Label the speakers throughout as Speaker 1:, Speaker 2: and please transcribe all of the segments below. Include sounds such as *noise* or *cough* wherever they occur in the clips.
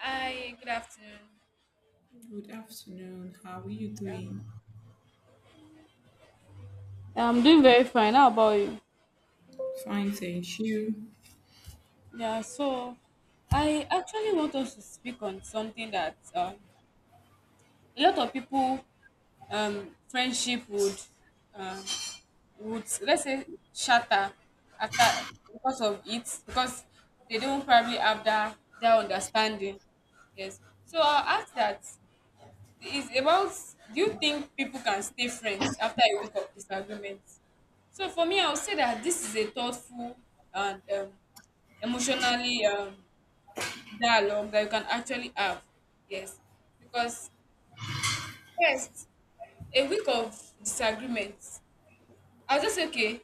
Speaker 1: Hi, good afternoon.
Speaker 2: Good afternoon. How are you
Speaker 1: Yeah,
Speaker 2: doing?
Speaker 1: I'm doing very fine. How about you?
Speaker 2: Fine, thank you.
Speaker 1: Yeah, so I actually want us to speak on something that a lot of people friendship would um, would, let's say, shatter after because of it, because they don't probably have that understanding. Yes. So I'll ask that is about, do you think people can stay friends after a week of disagreement? So for me, I would say that this is a thoughtful and emotionally, dialogue that you can actually have. Yes, because first, a week of disagreements, I was just say, okay.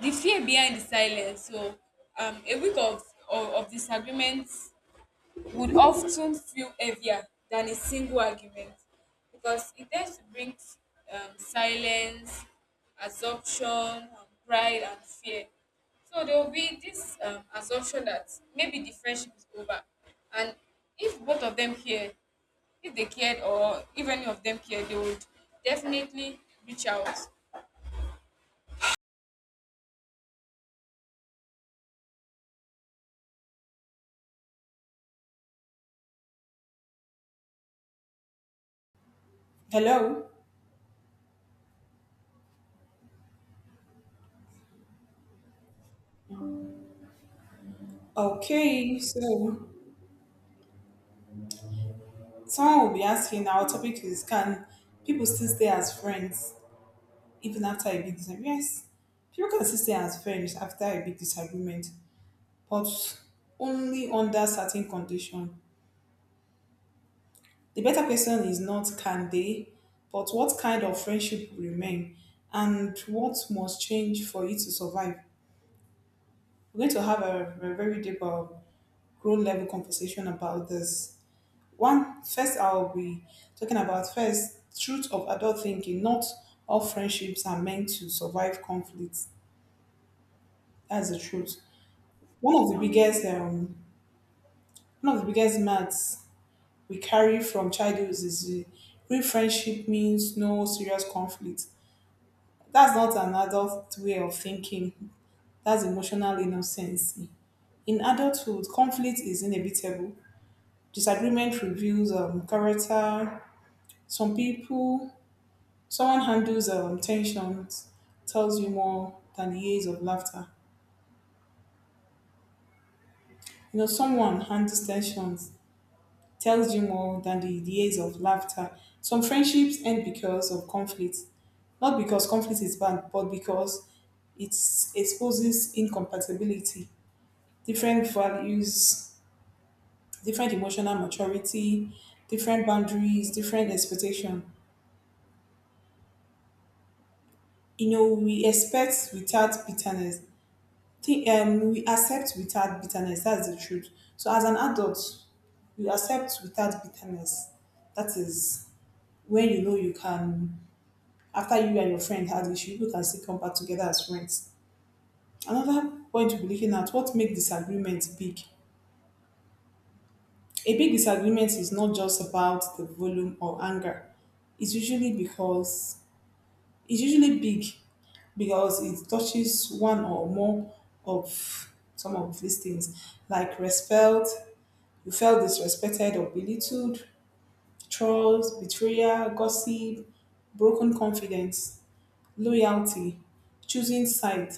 Speaker 1: The fear behind the silence. So a week of of disagreements would often feel heavier than a single argument, because it tends to bring silence, assumption, and pride and fear. So there will be this assumption that maybe the friendship is over, and if both of them care, if they cared or if any of them cared, they would definitely reach out.
Speaker 2: Hello. Okay, so someone will be asking our topic is can people still stay as friends even after a big disagreement? Yes, people can still stay as friends after a big disagreement, but only under certain conditions. The better question is not can they, but what kind of friendship will remain and what must change for you to survive. We're going to have a very deep grow level conversation about this. One first, I'll be talking about first truth of adult thinking. Not all friendships are meant to survive conflicts. That's the truth. One of the biggest myths we carry from childhood is the real friendship means no serious conflict. That's not an adult way of thinking. That's emotional innocence. In adulthood, conflict is inevitable. Disagreement reveals character. Some people, someone handles tensions, tells you more than the years of laughter. You know, someone handles tensions, tells you more than the years of laughter. Some friendships end because of conflict, not because conflict is bad, but because it exposes incompatibility, different values, different emotional maturity, different boundaries, different expectation. You know, we expect without bitterness, think we accept without bitterness. That's the truth. So as an adult, we accept without bitterness. That is when you know you can. After you and your friend had issue, you can still come back together as friends. Another point we'll be looking at: what makes disagreement big? A big disagreement is not just about the volume or anger. It's usually because it's usually big because it touches one or more of some of these things like respect. You felt disrespected or belittled, trolls, betrayal, gossip, broken confidence, loyalty, choosing side,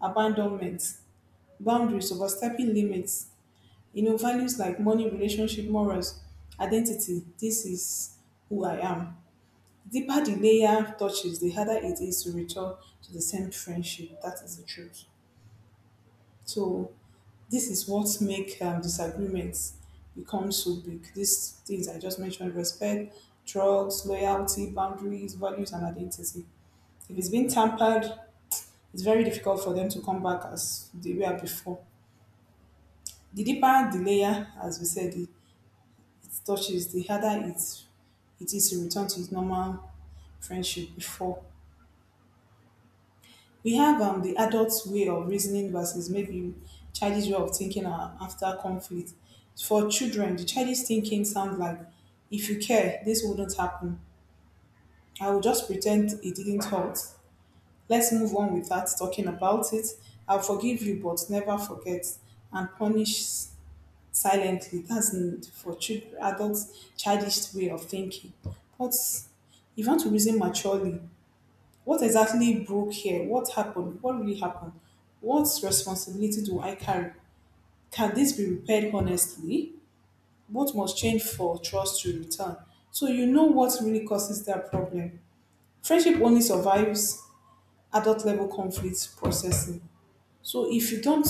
Speaker 2: abandonment, boundaries, overstepping limits. You know, values like money, relationship, morals, identity. This is who I am. Deeper the layer touches, the harder it is to return to the same friendship. That is the truth. So this is what make disagreements become so big. These things I just mentioned: respect, drugs, loyalty, boundaries, values, and identity. If it's been tampered, it's very difficult for them to come back as they were before. The deeper the layer, as we said, it touches, the harder it is to return to its normal friendship before. We have the adults' way of reasoning versus maybe childish way of thinking after conflict. For children, the childish thinking sounds like, if you care, this wouldn't happen. I will just pretend it didn't hurt. Let's move on without talking about it. I'll forgive you, but never forget and punish silently. For children, adults, childish way of thinking. But if you want to reason maturely, what exactly broke here? What happened? What really happened? What responsibility do I carry? Can this be repaired honestly? What must change for trust to return? So you know what really causes that problem. Friendship only survives adult level conflict processing. So if you don't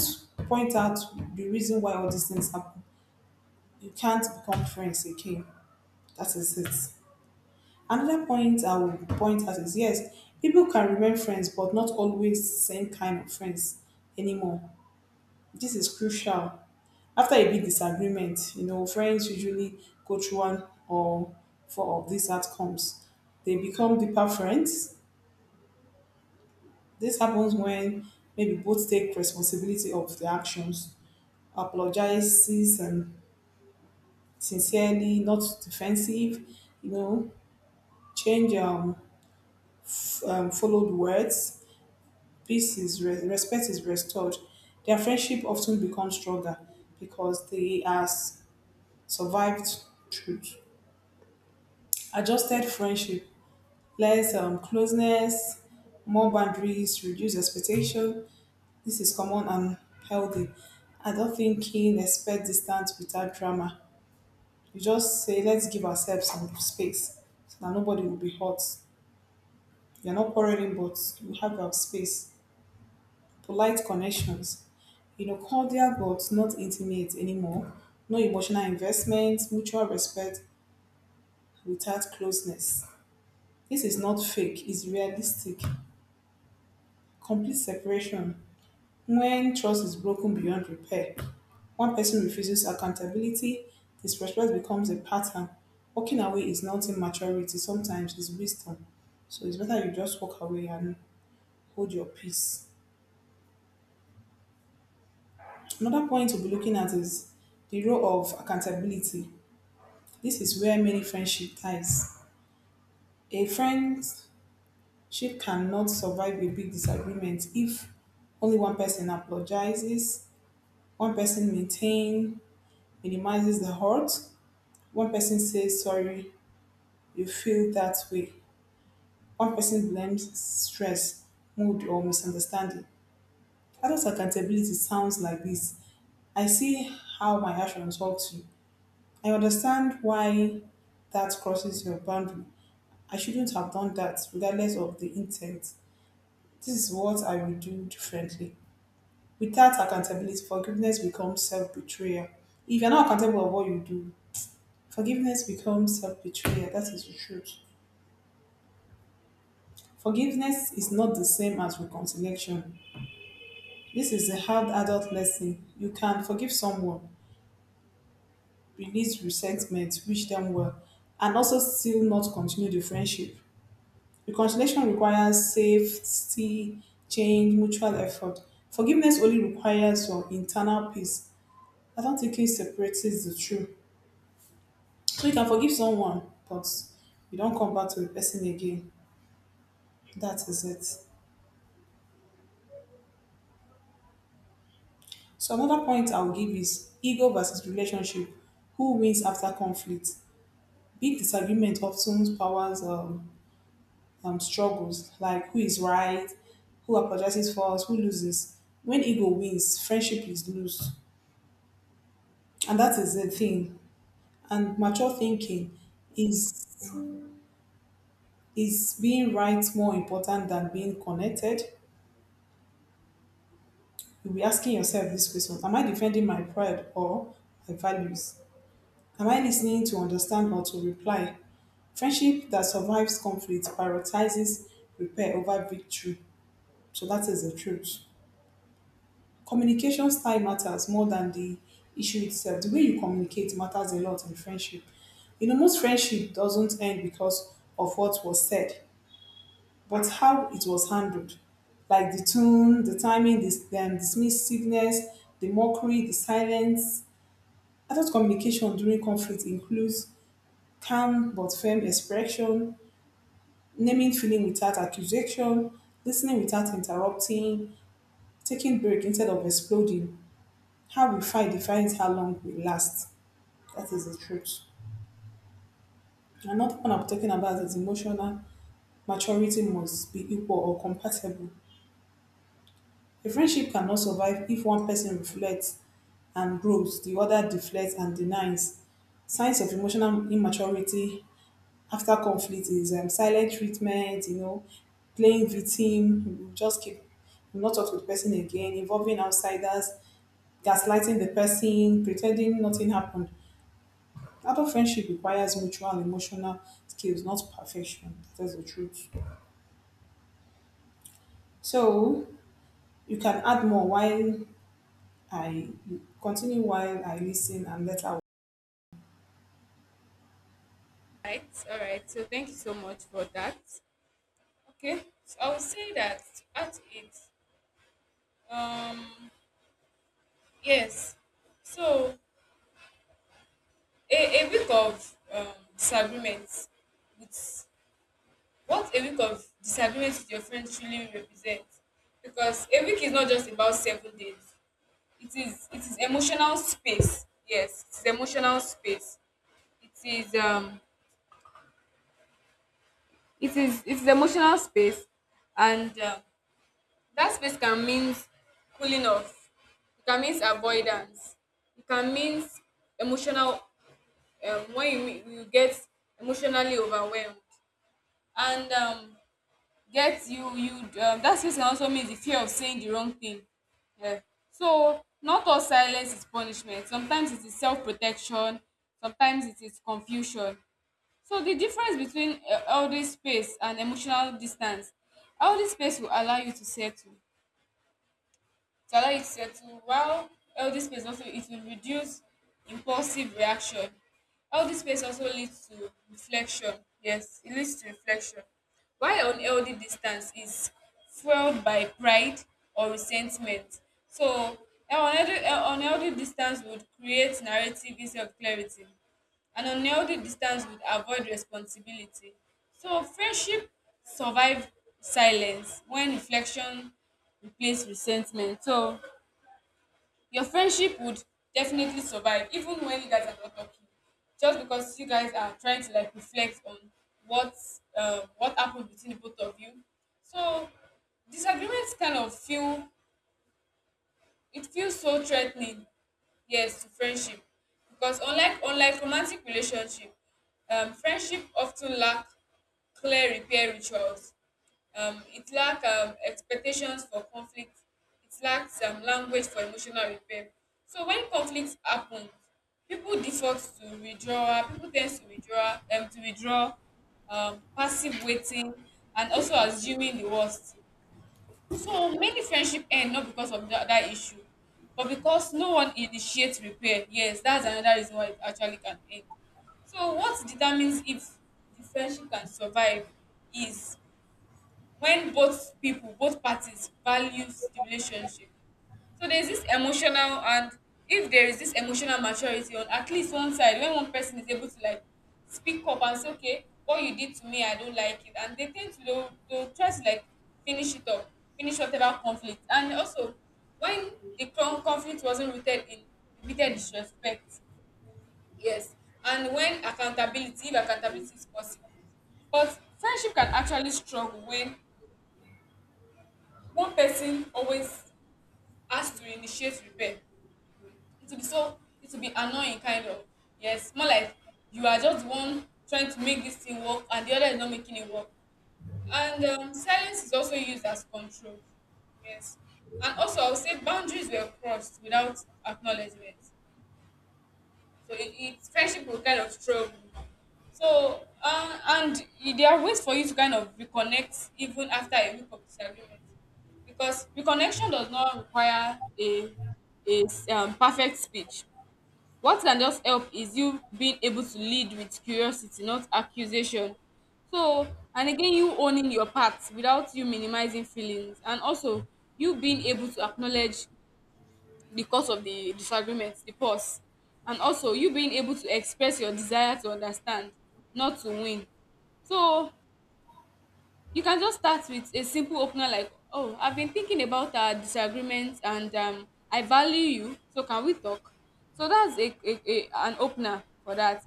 Speaker 2: point out the reason why all these things happen, you can't become friends again. That is it. Another point I would point out is yes, people can remain friends but not always same kind of friends anymore. This is crucial. After a big disagreement, you know, friends usually go through one or four of these outcomes. They become deeper friends. This happens when maybe both take responsibility of the actions, apologizes and sincerely, not defensive, you know, change followed words, peace is respect is restored, their friendship often becomes stronger because they has survived truth. Adjusted friendship, less closeness, more boundaries, reduced expectation. This is common and healthy. I don't think he expect distance without drama. You just say, let's give ourselves some space so that nobody will be hurt. You're not quarreling, but you have your space. Polite connections, you know, cordial but not intimate anymore. No emotional investment, mutual respect without closeness. This is not fake, it's realistic. Complete separation. When trust is broken beyond repair, one person refuses accountability, disrespect becomes a pattern. Walking away is not immaturity, sometimes it's wisdom. So it's better you just walk away and hold your peace. Another point we'll be looking at is the role of accountability. This is where many friendship ties. A friendship cannot survive a big disagreement if only one person apologizes, one person maintain, minimizes the hurt, one person says sorry, you feel that way, one person blames stress, mood, or misunderstanding. Adult accountability sounds like this. I see how my actions hurt you. I understand why that crosses your boundary. I shouldn't have done that regardless of the intent. This is what I will do differently. Without accountability, forgiveness becomes self betrayal. If you're not accountable of what you do, forgiveness becomes self betrayal. That is the truth. Forgiveness is not the same as reconciliation. This is a hard adult lesson. You can forgive someone, release resentment, wish them well, and also still not continue the friendship. Reconciliation requires safety, change, mutual effort. Forgiveness only requires your internal peace. I don't think separates the two. So you can forgive someone, but you don't come back to the person again. That is it. So another point I'll give is ego versus relationship. Who wins after conflict? Big disagreement often powers struggles like who is right, who apologizes first, who loses. When ego wins, friendship is lost, and that is the thing. And mature thinking is is being right more important than being connected? You'll be asking yourself this question: am I defending my pride or my values? Am I listening to understand or to reply? Friendship that survives conflict prioritizes repair over victory. So that is the truth. Communication style matters more than the issue itself. The way you communicate matters a lot in friendship. You know, most friendship doesn't end because of what was said, but how it was handled, like the tone, the timing, the dismissiveness, the mockery, the silence. Adult communication during conflict includes calm but firm expression, naming feeling without accusation, listening without interrupting, taking break instead of exploding. How we fight defines how long we last. That is the truth. Another one I'm talking about is emotional maturity must be equal or compatible. A friendship cannot survive if one person reflects and grows, the other deflects and denies. Signs of emotional immaturity after conflict is silent treatment, you know, playing victim, you just keep you not talk to the person again, involving outsiders, gaslighting the person, pretending nothing happened. Adult friendship requires mutual emotional skills, not perfection. That's the truth. So you can add more while I continue while I listen and let out.
Speaker 1: Right, all right. So thank you so much for that. Okay, so I would say that at it, um, yes. So a week of disagreements with, what a week of disagreements with your friend truly represents. Because a week is not just about 7 days. It is emotional space. Yes, it's emotional space. It is, it is, it's emotional space, and that space can mean cooling off. It can mean avoidance. It can mean emotional, when you get emotionally overwhelmed, and get you you that space can also mean the fear of saying the wrong thing, yeah. So not all silence is punishment. Sometimes it is self-protection, sometimes it is confusion. So the difference between all this space and emotional distance, all this space will allow you to settle, to allow it to settle, while healthy space also, it will reduce impulsive reaction. Healthy space also leads to reflection. Yes, it leads to reflection, while unhealthy distance is fueled by pride or resentment. So unhealthy unhealthy distance would create narrative instead of clarity, and unhealthy distance would avoid responsibility. So friendship survive silence when reflection replace resentment. So your friendship would definitely survive even when you guys are not talking, just because you guys are trying to like reflect on what, what happened between the both of you. So disagreements kind of feel, it feels so threatening, yes, to friendship, because unlike romantic relationship, friendship often lack clear repair rituals. It lack expectations for conflict. It lacks language for emotional repair. So when conflicts happen, people default to withdraw. People tend to withdraw, passive waiting, and also assuming the worst. So many friendship end not because of that issue, but because no one initiates repair. Yes, that's another reason why it actually can end. So what determines if the friendship can survive is when both people, both parties values the relationship. So there's this emotional, and if there is this emotional maturity on at least one side, when one person is able to like speak up and say, okay, what you did to me, I don't like it, and they tend to, they'll try to like finish it up, finish whatever conflict. And also, when the conflict wasn't rooted in repeated disrespect, yes, and when accountability, if accountability is possible, but friendship can actually struggle when one person always has to initiate repair. It will be so, it will be annoying kind of. Yes, more like, you are just the one trying to make this thing work and the other is not making it work. And silence is also used as control, yes. And also, I would say, boundaries were crossed without acknowledgement. So it friendship will kind of struggle. So, and there are ways for you to kind of reconnect even after a week of disagreement, because reconnection does not require a perfect speech. What can just help is you being able to lead with curiosity, not accusation. So, and again, you owning your part without you minimizing feelings, and also you being able to acknowledge, because of the disagreement, the pause. And also you being able to express your desire to understand, not to win. So you can just start with a simple opener like, "Oh, I've been thinking about our disagreements, and I value you. So can we talk?" So that's a an opener for that.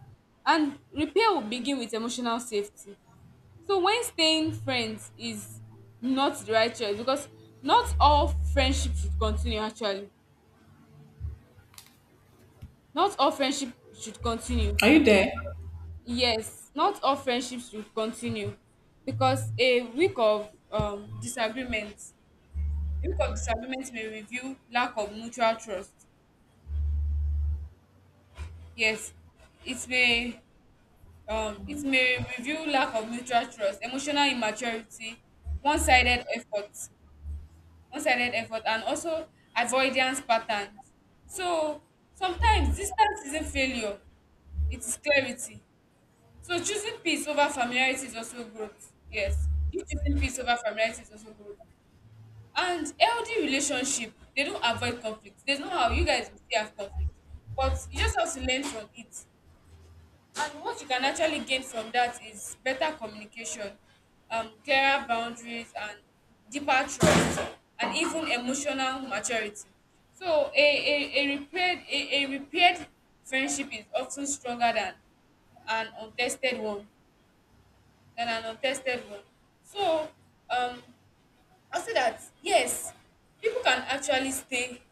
Speaker 1: And repair will begin with emotional safety. So when staying friends is not the right choice, because not all friendship should continue actually. Not all friendship should continue.
Speaker 2: Are you there?
Speaker 1: Yes, not all friendships should continue, because a week of disagreement, a week of disagreement may reveal lack of mutual trust. Yes, it may, it may reveal lack of mutual trust, emotional immaturity, one-sided effort, one-sided effort, and also avoidance patterns. So sometimes distance isn't failure; it is clarity. So choosing peace over familiarity is also growth. Yes. You choosing peace over familiarity is also growth. And healthy relationship, they don't avoid conflict. There's no how you guys will still have conflict. But you just have to learn from it. And what you can actually gain from that is better communication, clearer boundaries and deeper trust and even emotional maturity. So a repaired friendship is often stronger than an untested one than an untested one. So um, I'll say that yes, people can actually stay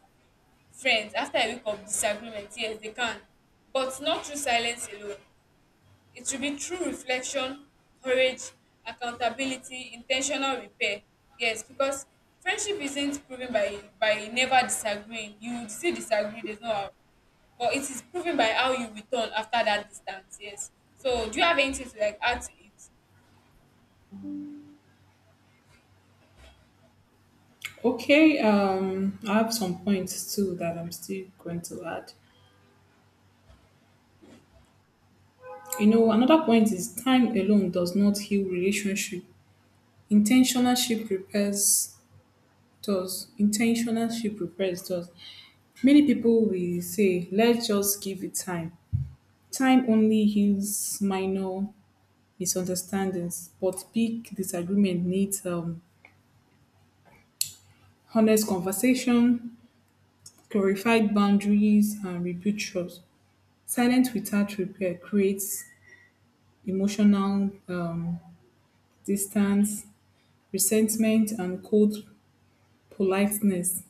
Speaker 1: friends after a week of disagreement. Yes, they can, but not through silence alone. It should be through reflection, courage, accountability, intentional repair. Yes, because friendship isn't proven by never disagreeing. You still disagree, there's no how. But it is proven by how you return after that distance. Yes. So do you have anything to like add to it?
Speaker 2: Okay, I have some points too that I'm still going to add. You know, another point is time alone does not heal relationship. Intentionalship repairs does. Intentionalship repairs does. Many people will say, let's just give it time. Time only heals minor misunderstandings, but big disagreement needs honest conversation, clarified boundaries, and rebuild trust. Silence without repair creates emotional distance, resentment, and cold politeness,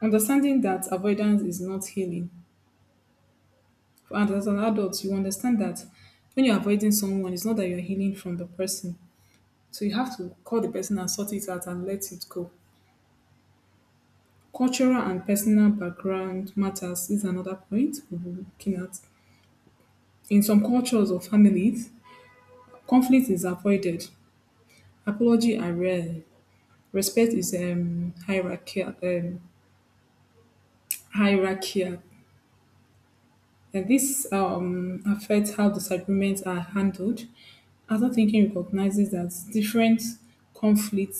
Speaker 2: understanding that avoidance is not healing. And as an adult you understand that when you're avoiding someone it's not that you're healing from the person, so you have to call the person and sort it out and let it go. Cultural and personal background matters is another point we'll be looking at. In some cultures or families conflict is avoided, apology are rare, respect is hierarchical, hierarchical. And this affects how disagreements are handled. Adult thinking recognizes that different conflict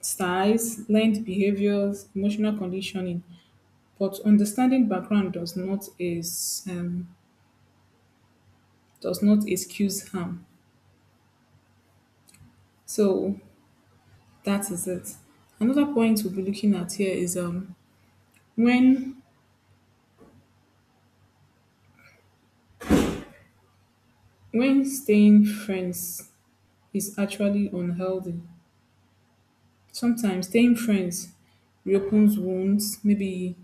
Speaker 2: styles, learned behaviors, emotional conditioning, but understanding background does not is does not excuse harm. So that is it. Another point we'll be looking at here is when when staying friends is actually unhealthy. Sometimes staying friends reopens wounds, maybe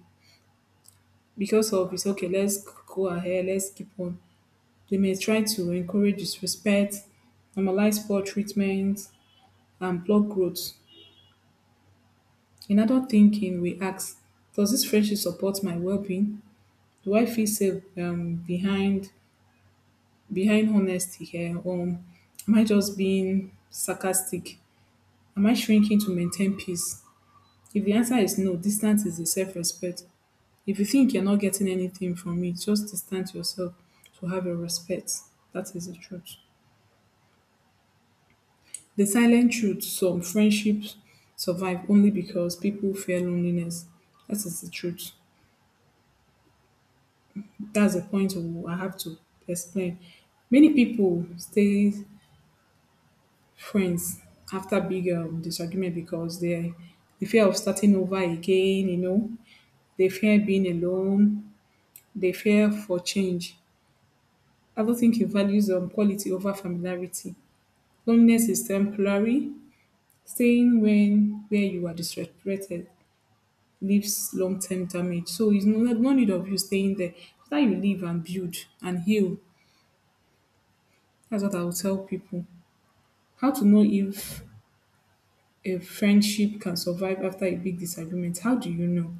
Speaker 2: because of it's okay, let's go ahead, let's keep on. They may try to encourage disrespect, normalize poor treatment, and block growth. In adult thinking, we ask, does this friendship support my well-being? Do I feel safe behind behind honesty here? Am I just being sarcastic? Am I shrinking to maintain peace? If the answer is no, distance is a self-respect. If you think you're not getting anything from it, just distance yourself to have your respect. That is the truth. The silent truth some friendships survive only because people fear loneliness. That is the truth. That's the point we- I have to explain. Many people stay friends after big disagreement because they the fear of starting over again, you know, they fear being alone, they fear for change. I don't think it values quality over familiarity. Loneliness is temporary. Staying when where you are disrespected leaves long term damage. So it's no, no no need of you staying there. After you leave and build and heal, that's what I will tell people. How to know if a friendship can survive after a big disagreement? How do you know?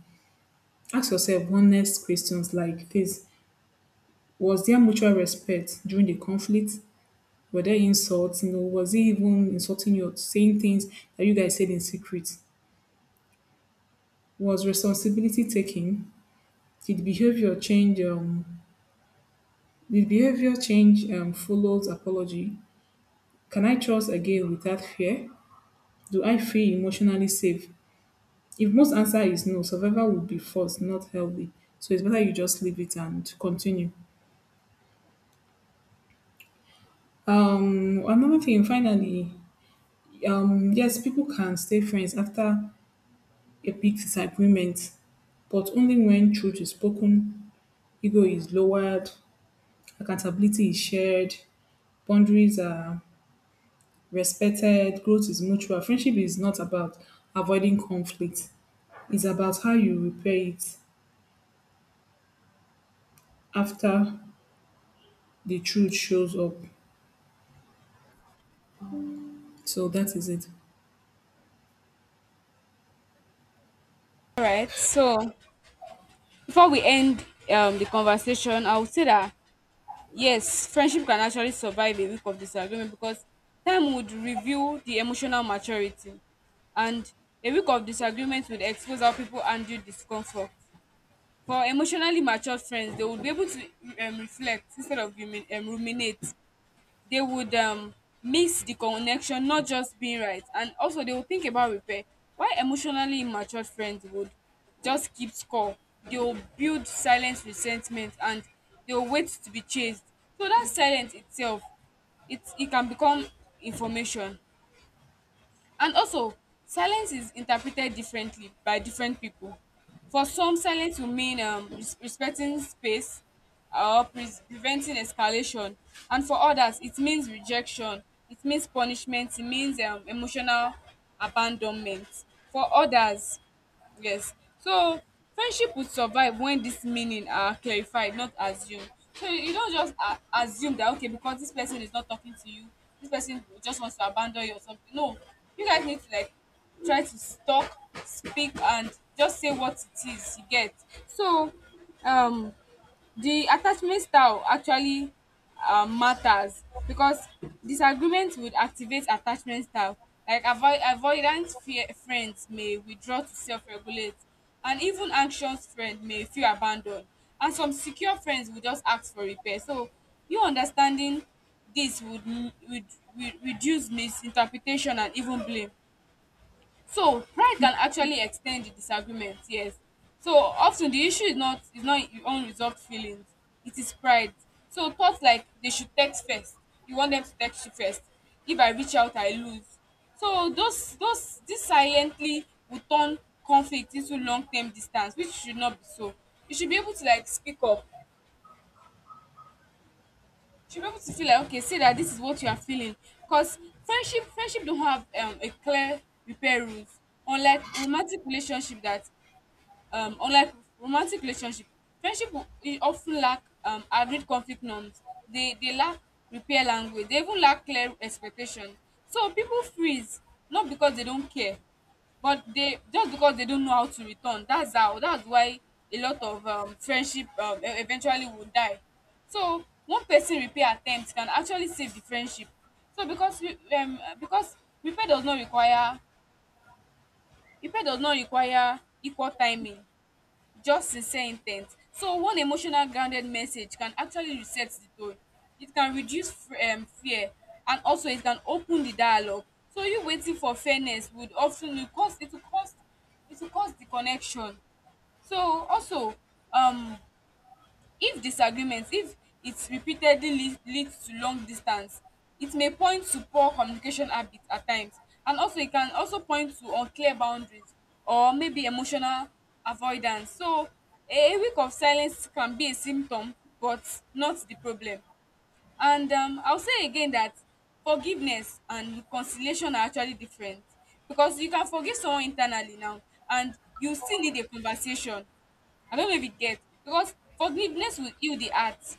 Speaker 2: Ask yourself honest questions like this. Was there mutual respect during the conflict? Were there insults? You know, was he even insulting you or saying things that you guys said in secret? Was responsibility taken? Did behavior change? Did behavior change follows apology? Can I trust again without fear? Do I feel emotionally safe? If most answer is no, survival would be forced, not healthy. So it's better you just leave it and continue. Another thing, finally, yes, people can stay friends after a big disagreement, but only when truth is spoken, ego is lowered, accountability is shared, boundaries are respected, growth is mutual. Friendship is not about avoiding conflict, it's about how you repair it after the truth shows up. So that is it.
Speaker 1: All right. So before we end the conversation, I would say that yes, friendship can actually survive a week of disagreement, because time would reveal the emotional maturity, and a week of disagreement would expose how people handle discomfort. For emotionally mature friends, they would be able to reflect instead of ruminate. They would, miss the connection, not just being right, and also they will think about repair. Why emotionally immature friends would just keep score, they will build silent resentment, and they will wait to be chased. So that silence itself, it can become information. And also, silence is interpreted differently by different people. For some, silence will mean respecting space or preventing escalation. And for others, it means rejection, it means punishment, it means emotional abandonment. For others, yes. So friendship would survive when this meaning are clarified, not assumed. So you don't just assume that, okay, because this person is not talking to you, this person just wants to abandon you or something. No, you guys need to like try to talk, speak, and just say what it is. You get. So um the attachment style actually matters, because disagreement would activate attachment style. Like avoidant fear friends may withdraw to self-regulate, and even anxious friend may feel abandoned, and some secure friends will just ask for repair. So you understanding this would reduce misinterpretation and even blame. So pride can actually extend the disagreement, yes. So often the issue is not your unresolved feelings. It is pride. So thoughts like, they should text first. You want them to text you first. If I reach out, I lose. So those this silently will turn conflict into long term distance, which should not be so. You should be able to like speak up. You should be able to feel like, okay, say that this is what you are feeling. Cause friendship don't have a clear repair rules, unlike romantic relationship that unlike romantic relationship friendship e of ten lack agreed conflict norms. Dey lack repair language, dey even lack clear expectation. So people freeze, not because they don't care, but they just because they don't know how to return. That's why a lot of friendship eventually will die. So one person repair attempt can actually save the friendship. So because repair does not require repair does not require equal timing, just sincere intent. So one emotional grounded message can actually reset the tone. It can reduce fear, and also it can open the dialogue. So you waiting for fairness would often, will cause it will cause it will cause the connection. So also, um if disagreement, if it repeatedly lead to long distance, it may point to poor communication habit at times, and also e can also point to unclear boundaries or maybe emotional avoidance. So a week of silence can be a symptom, but not the problem. And I will say again that forgiveness and reconciliation are actually different, because you can forgive someone internally now and you still need a conversation. I don't know if you get, because forgiveness will heal the heart,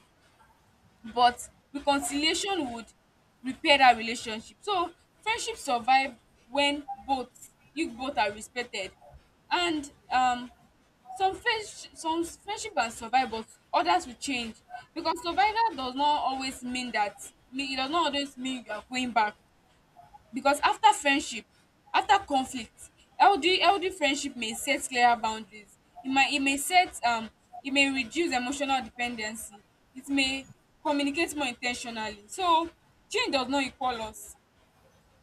Speaker 1: but reconciliation would repair that relationship. So friendship survive when both, you both are respected, and some friendship can survive, but others will change, because survival does not always mean that, mean it does not always mean you are going back. Because after friendship, after conflict, healthy friendship may set clearer boundaries, e may set e may reduce emotional dependency. It may communicate more in ten tionally. So change does not equal loss,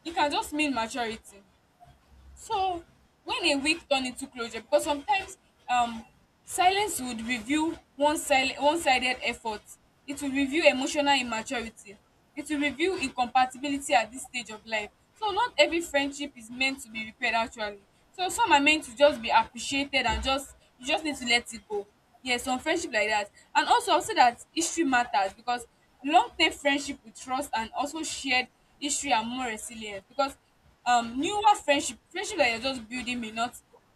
Speaker 1: e can just mean maturity. So when a week turn into closure, because sometimes um silence would reveal one sided effort, it will reveal emotional immaturity, it will reveal incompatibility at this stage of life. So not every friendship is meant to be repaired actually. So some are meant to just be appreciated, and just you just need to let it go. Yes, some friendship like that. And also I'll say that history matters, because long term friendship with trust and also shared history are more resilient, because newer friendship that you're just building may not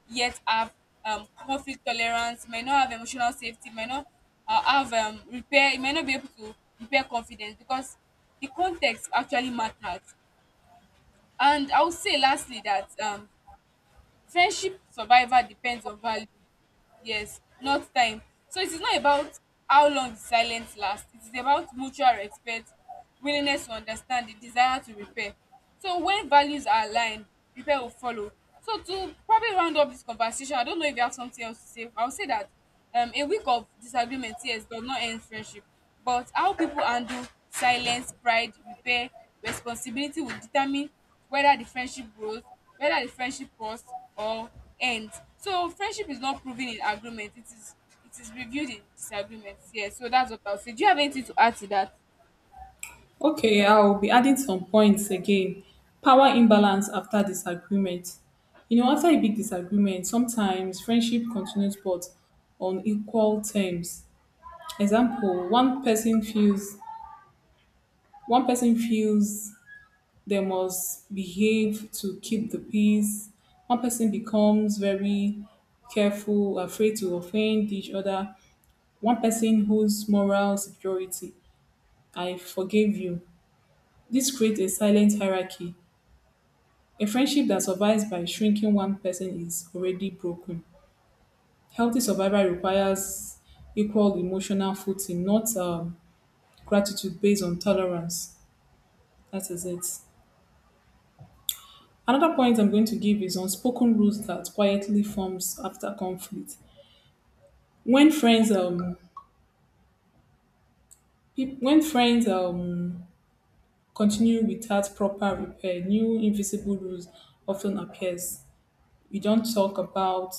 Speaker 1: yet have conflict tolerance, may not have emotional safety, may not have repair, it may not be able to repair confidence, because the context actually matters. And I would say lastly that friendship survival depends on value, yes, not time. So it is not about how long the silence last, it is about mutual respect, willingness to understand, the desire to repair. So when values are aligned, repair will follow. So to probably round up this conversation, I don't know if you have something else to say. I will say that, a week of disagreement, yes, does not end friendship, but how people handle silence, pride, repair, responsibility will determine whether the friendship grows, whether the friendship pause or ends. So friendship is not proven in agreement; it is reviewed in disagreement. Yes, so that's what I'll say. Do you have anything to add to that?
Speaker 2: Okay, I'll be adding some points again. Power imbalance after disagreement. You know, after a big disagreement, sometimes friendship continues but on equal terms. Example, one person feels they must behave to keep the peace. One person becomes very careful, afraid to offend each other. One person whose moral superiority, I forgive you. This creates a silent hierarchy. A friendship that survives by shrinking one person is already broken. Healthy survival requires equal emotional footing, not gratitude based on tolerance. That is it. Another point I'm going to give is unspoken rules that quietly forms after conflict. When friends um when friends continue without proper repair, new invisible rules often appears. We don't talk about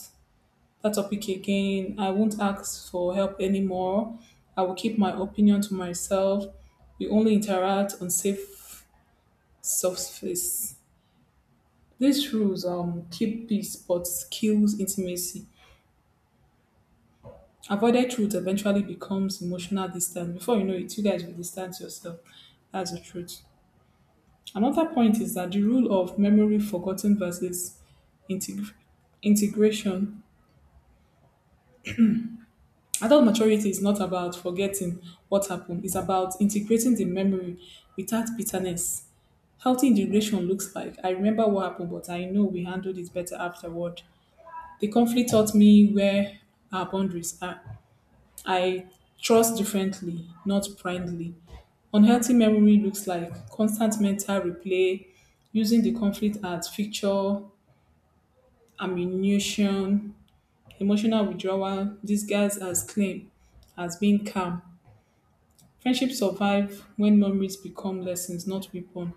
Speaker 2: that topic again. I won't ask for help anymore. I will keep my opinion to myself. We only interact on safe surface. These rules keep peace but kills intimacy. Avoided truth eventually becomes emotional distance. Before you know it, you guys will distance yourself. That's the truth. Another point is that the rule of memory forgotten versus integ- integration. Adult maturity is not about forgetting what happened, it's about integrating the memory without bitterness. Healthy integration looks like I remember what happened, but I know we handled it better afterward. The conflict taught me where our boundaries are. I trust differently, not blindly. Unhealthy memory looks like constant mental replay, using the conflict as fixture, ammunition, emotional withdrawal disguised as claim, as being calm. Friendships survive when memories become lessons, not weapon.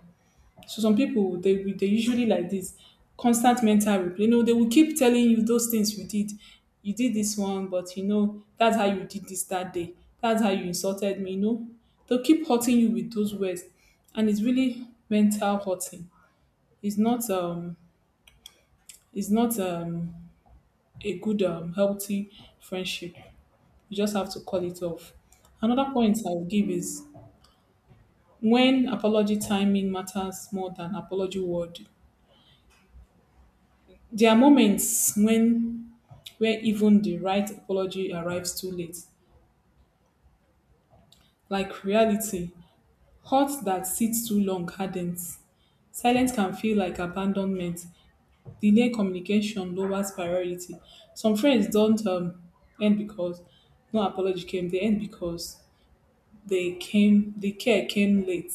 Speaker 2: So some people they usually like this constant mental replay. You know, they will keep telling you those things you did. You did this one, but you know that's how you did this that day. That's how you insulted me. You know, they'll keep hurting you with those words, and it's really mental hurting. It's not um it's not a good healthy friendship. You just have to call it off. Another point I will give is when apology timing matters more than apology word. There are moments when where even the right apology arrives too late. Like reality, hurt that sits too long hardens. Silence can feel like abandonment. Delayed communication lowers priority. Some friends don't end because no apology came. They end because they came. The care came late.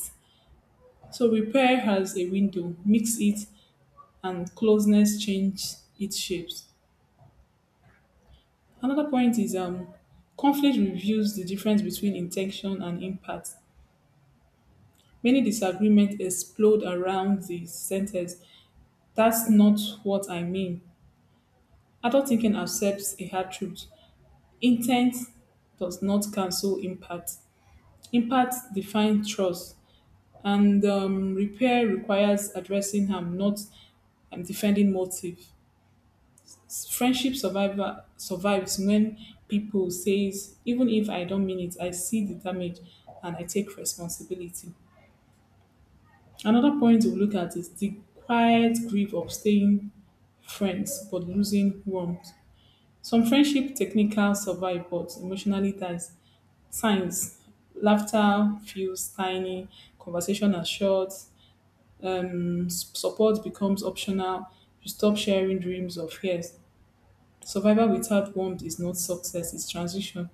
Speaker 2: So repair has a window. Mix it, and closeness change its shapes. Another point is conflict reveals the difference between intention and impact. Many disagreements explode around the sentence, that's not what I mean. Adult thinking accepts a hard truth. Intent does not cancel impact. Impact defines trust, and repair requires addressing harm, not defending motive. Friendship survivor survives when people says, even if I don't mean it, I see the damage and I take responsibility. Another point we look at is the quiet grief of staying friends but losing warmth. Some friendship technical survive but emotionally dies. Signs laughter feels tiny, conversation are short, support becomes optional, you stop sharing dreams or fears. Survival without warmth is not success, it's transition.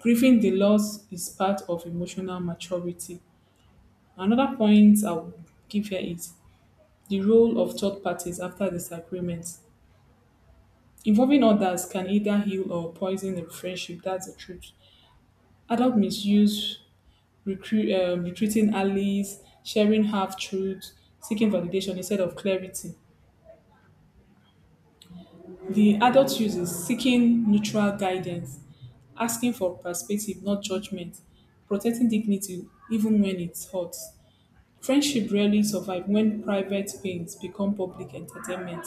Speaker 2: Grieving the loss is part of emotional maturity. Another point I would give here is the role of third parties after disagreement. Involving others can either heal or poison a friendship. That's the truth. Adult misuse, recruiting allies, sharing half truths, seeking validation instead of clarity. The adult use is seeking neutral guidance, asking for perspective, not judgment, protecting dignity even when it hurts. Friendship rarely survive when private pains become public entertainment.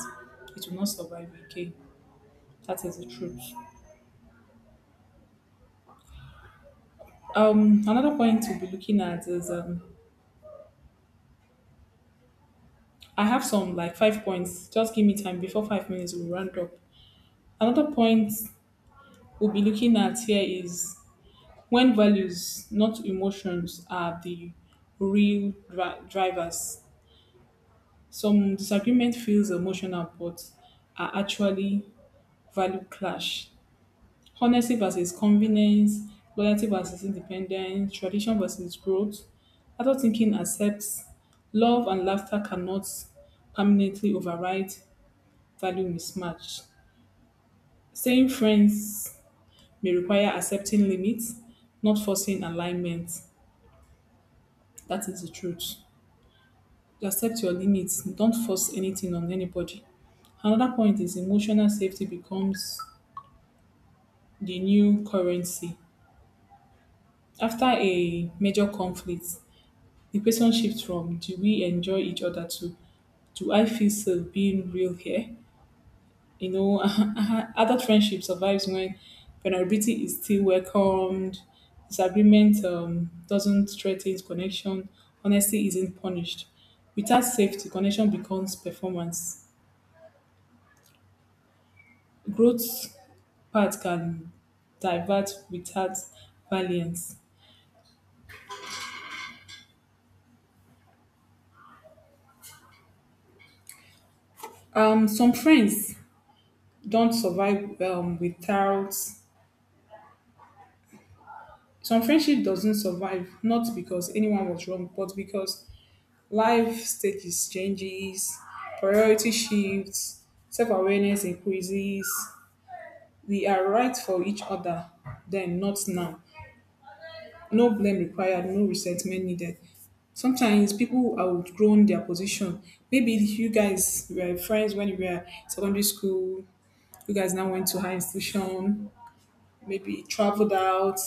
Speaker 2: It will not survive again. That is the truth. Another point to be looking at is I have some like five points. Just give me time before 5 minutes will round up. Another point we'll be looking at here is when values, not emotions, are the real drivers. Some disagreement feels emotional, but are actually value clash. Honesty versus convenience, loyalty versus independence, tradition versus growth. Adult thinking accepts love and laughter cannot permanently override value mismatch. Staying friends may require accepting limits, not forcing alignment. That is the truth. Accept your limits. Don't force anything on anybody. Another point is emotional safety becomes the new currency. After a major conflict, the person shifts from do we enjoy each other to do I feel safe being real here? You know, *laughs* other friendship survives when vulnerability is still welcomed, disagreement doesn't threaten connection, honesty isn't punished, without safety connection becomes performance, growth path can divert without valiance. um, some friends don't survive um, without some friendship doesn't survive not because anyone was wrong but because life stages changes, priority shifts, self-awareness increases. We are right for each other then, not now. No blame required, no resentment needed. Sometimes people who outgrown their position. Maybe you guys were friends when you were secondary school. You guys now went to high institution. Maybe traveled out.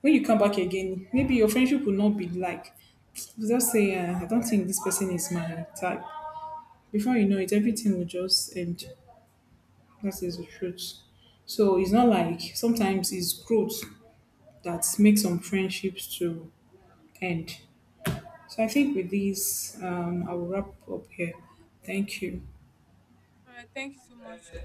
Speaker 2: When you come back again, maybe your friendship will not be like. You just say, I don't think this person is my type. Before you know it, everything will just end. That is the truth. So it's not like sometimes it's growth that makes some friendships to end. So I think with this, I will wrap up here. Thank you.
Speaker 1: All right, thank you so much.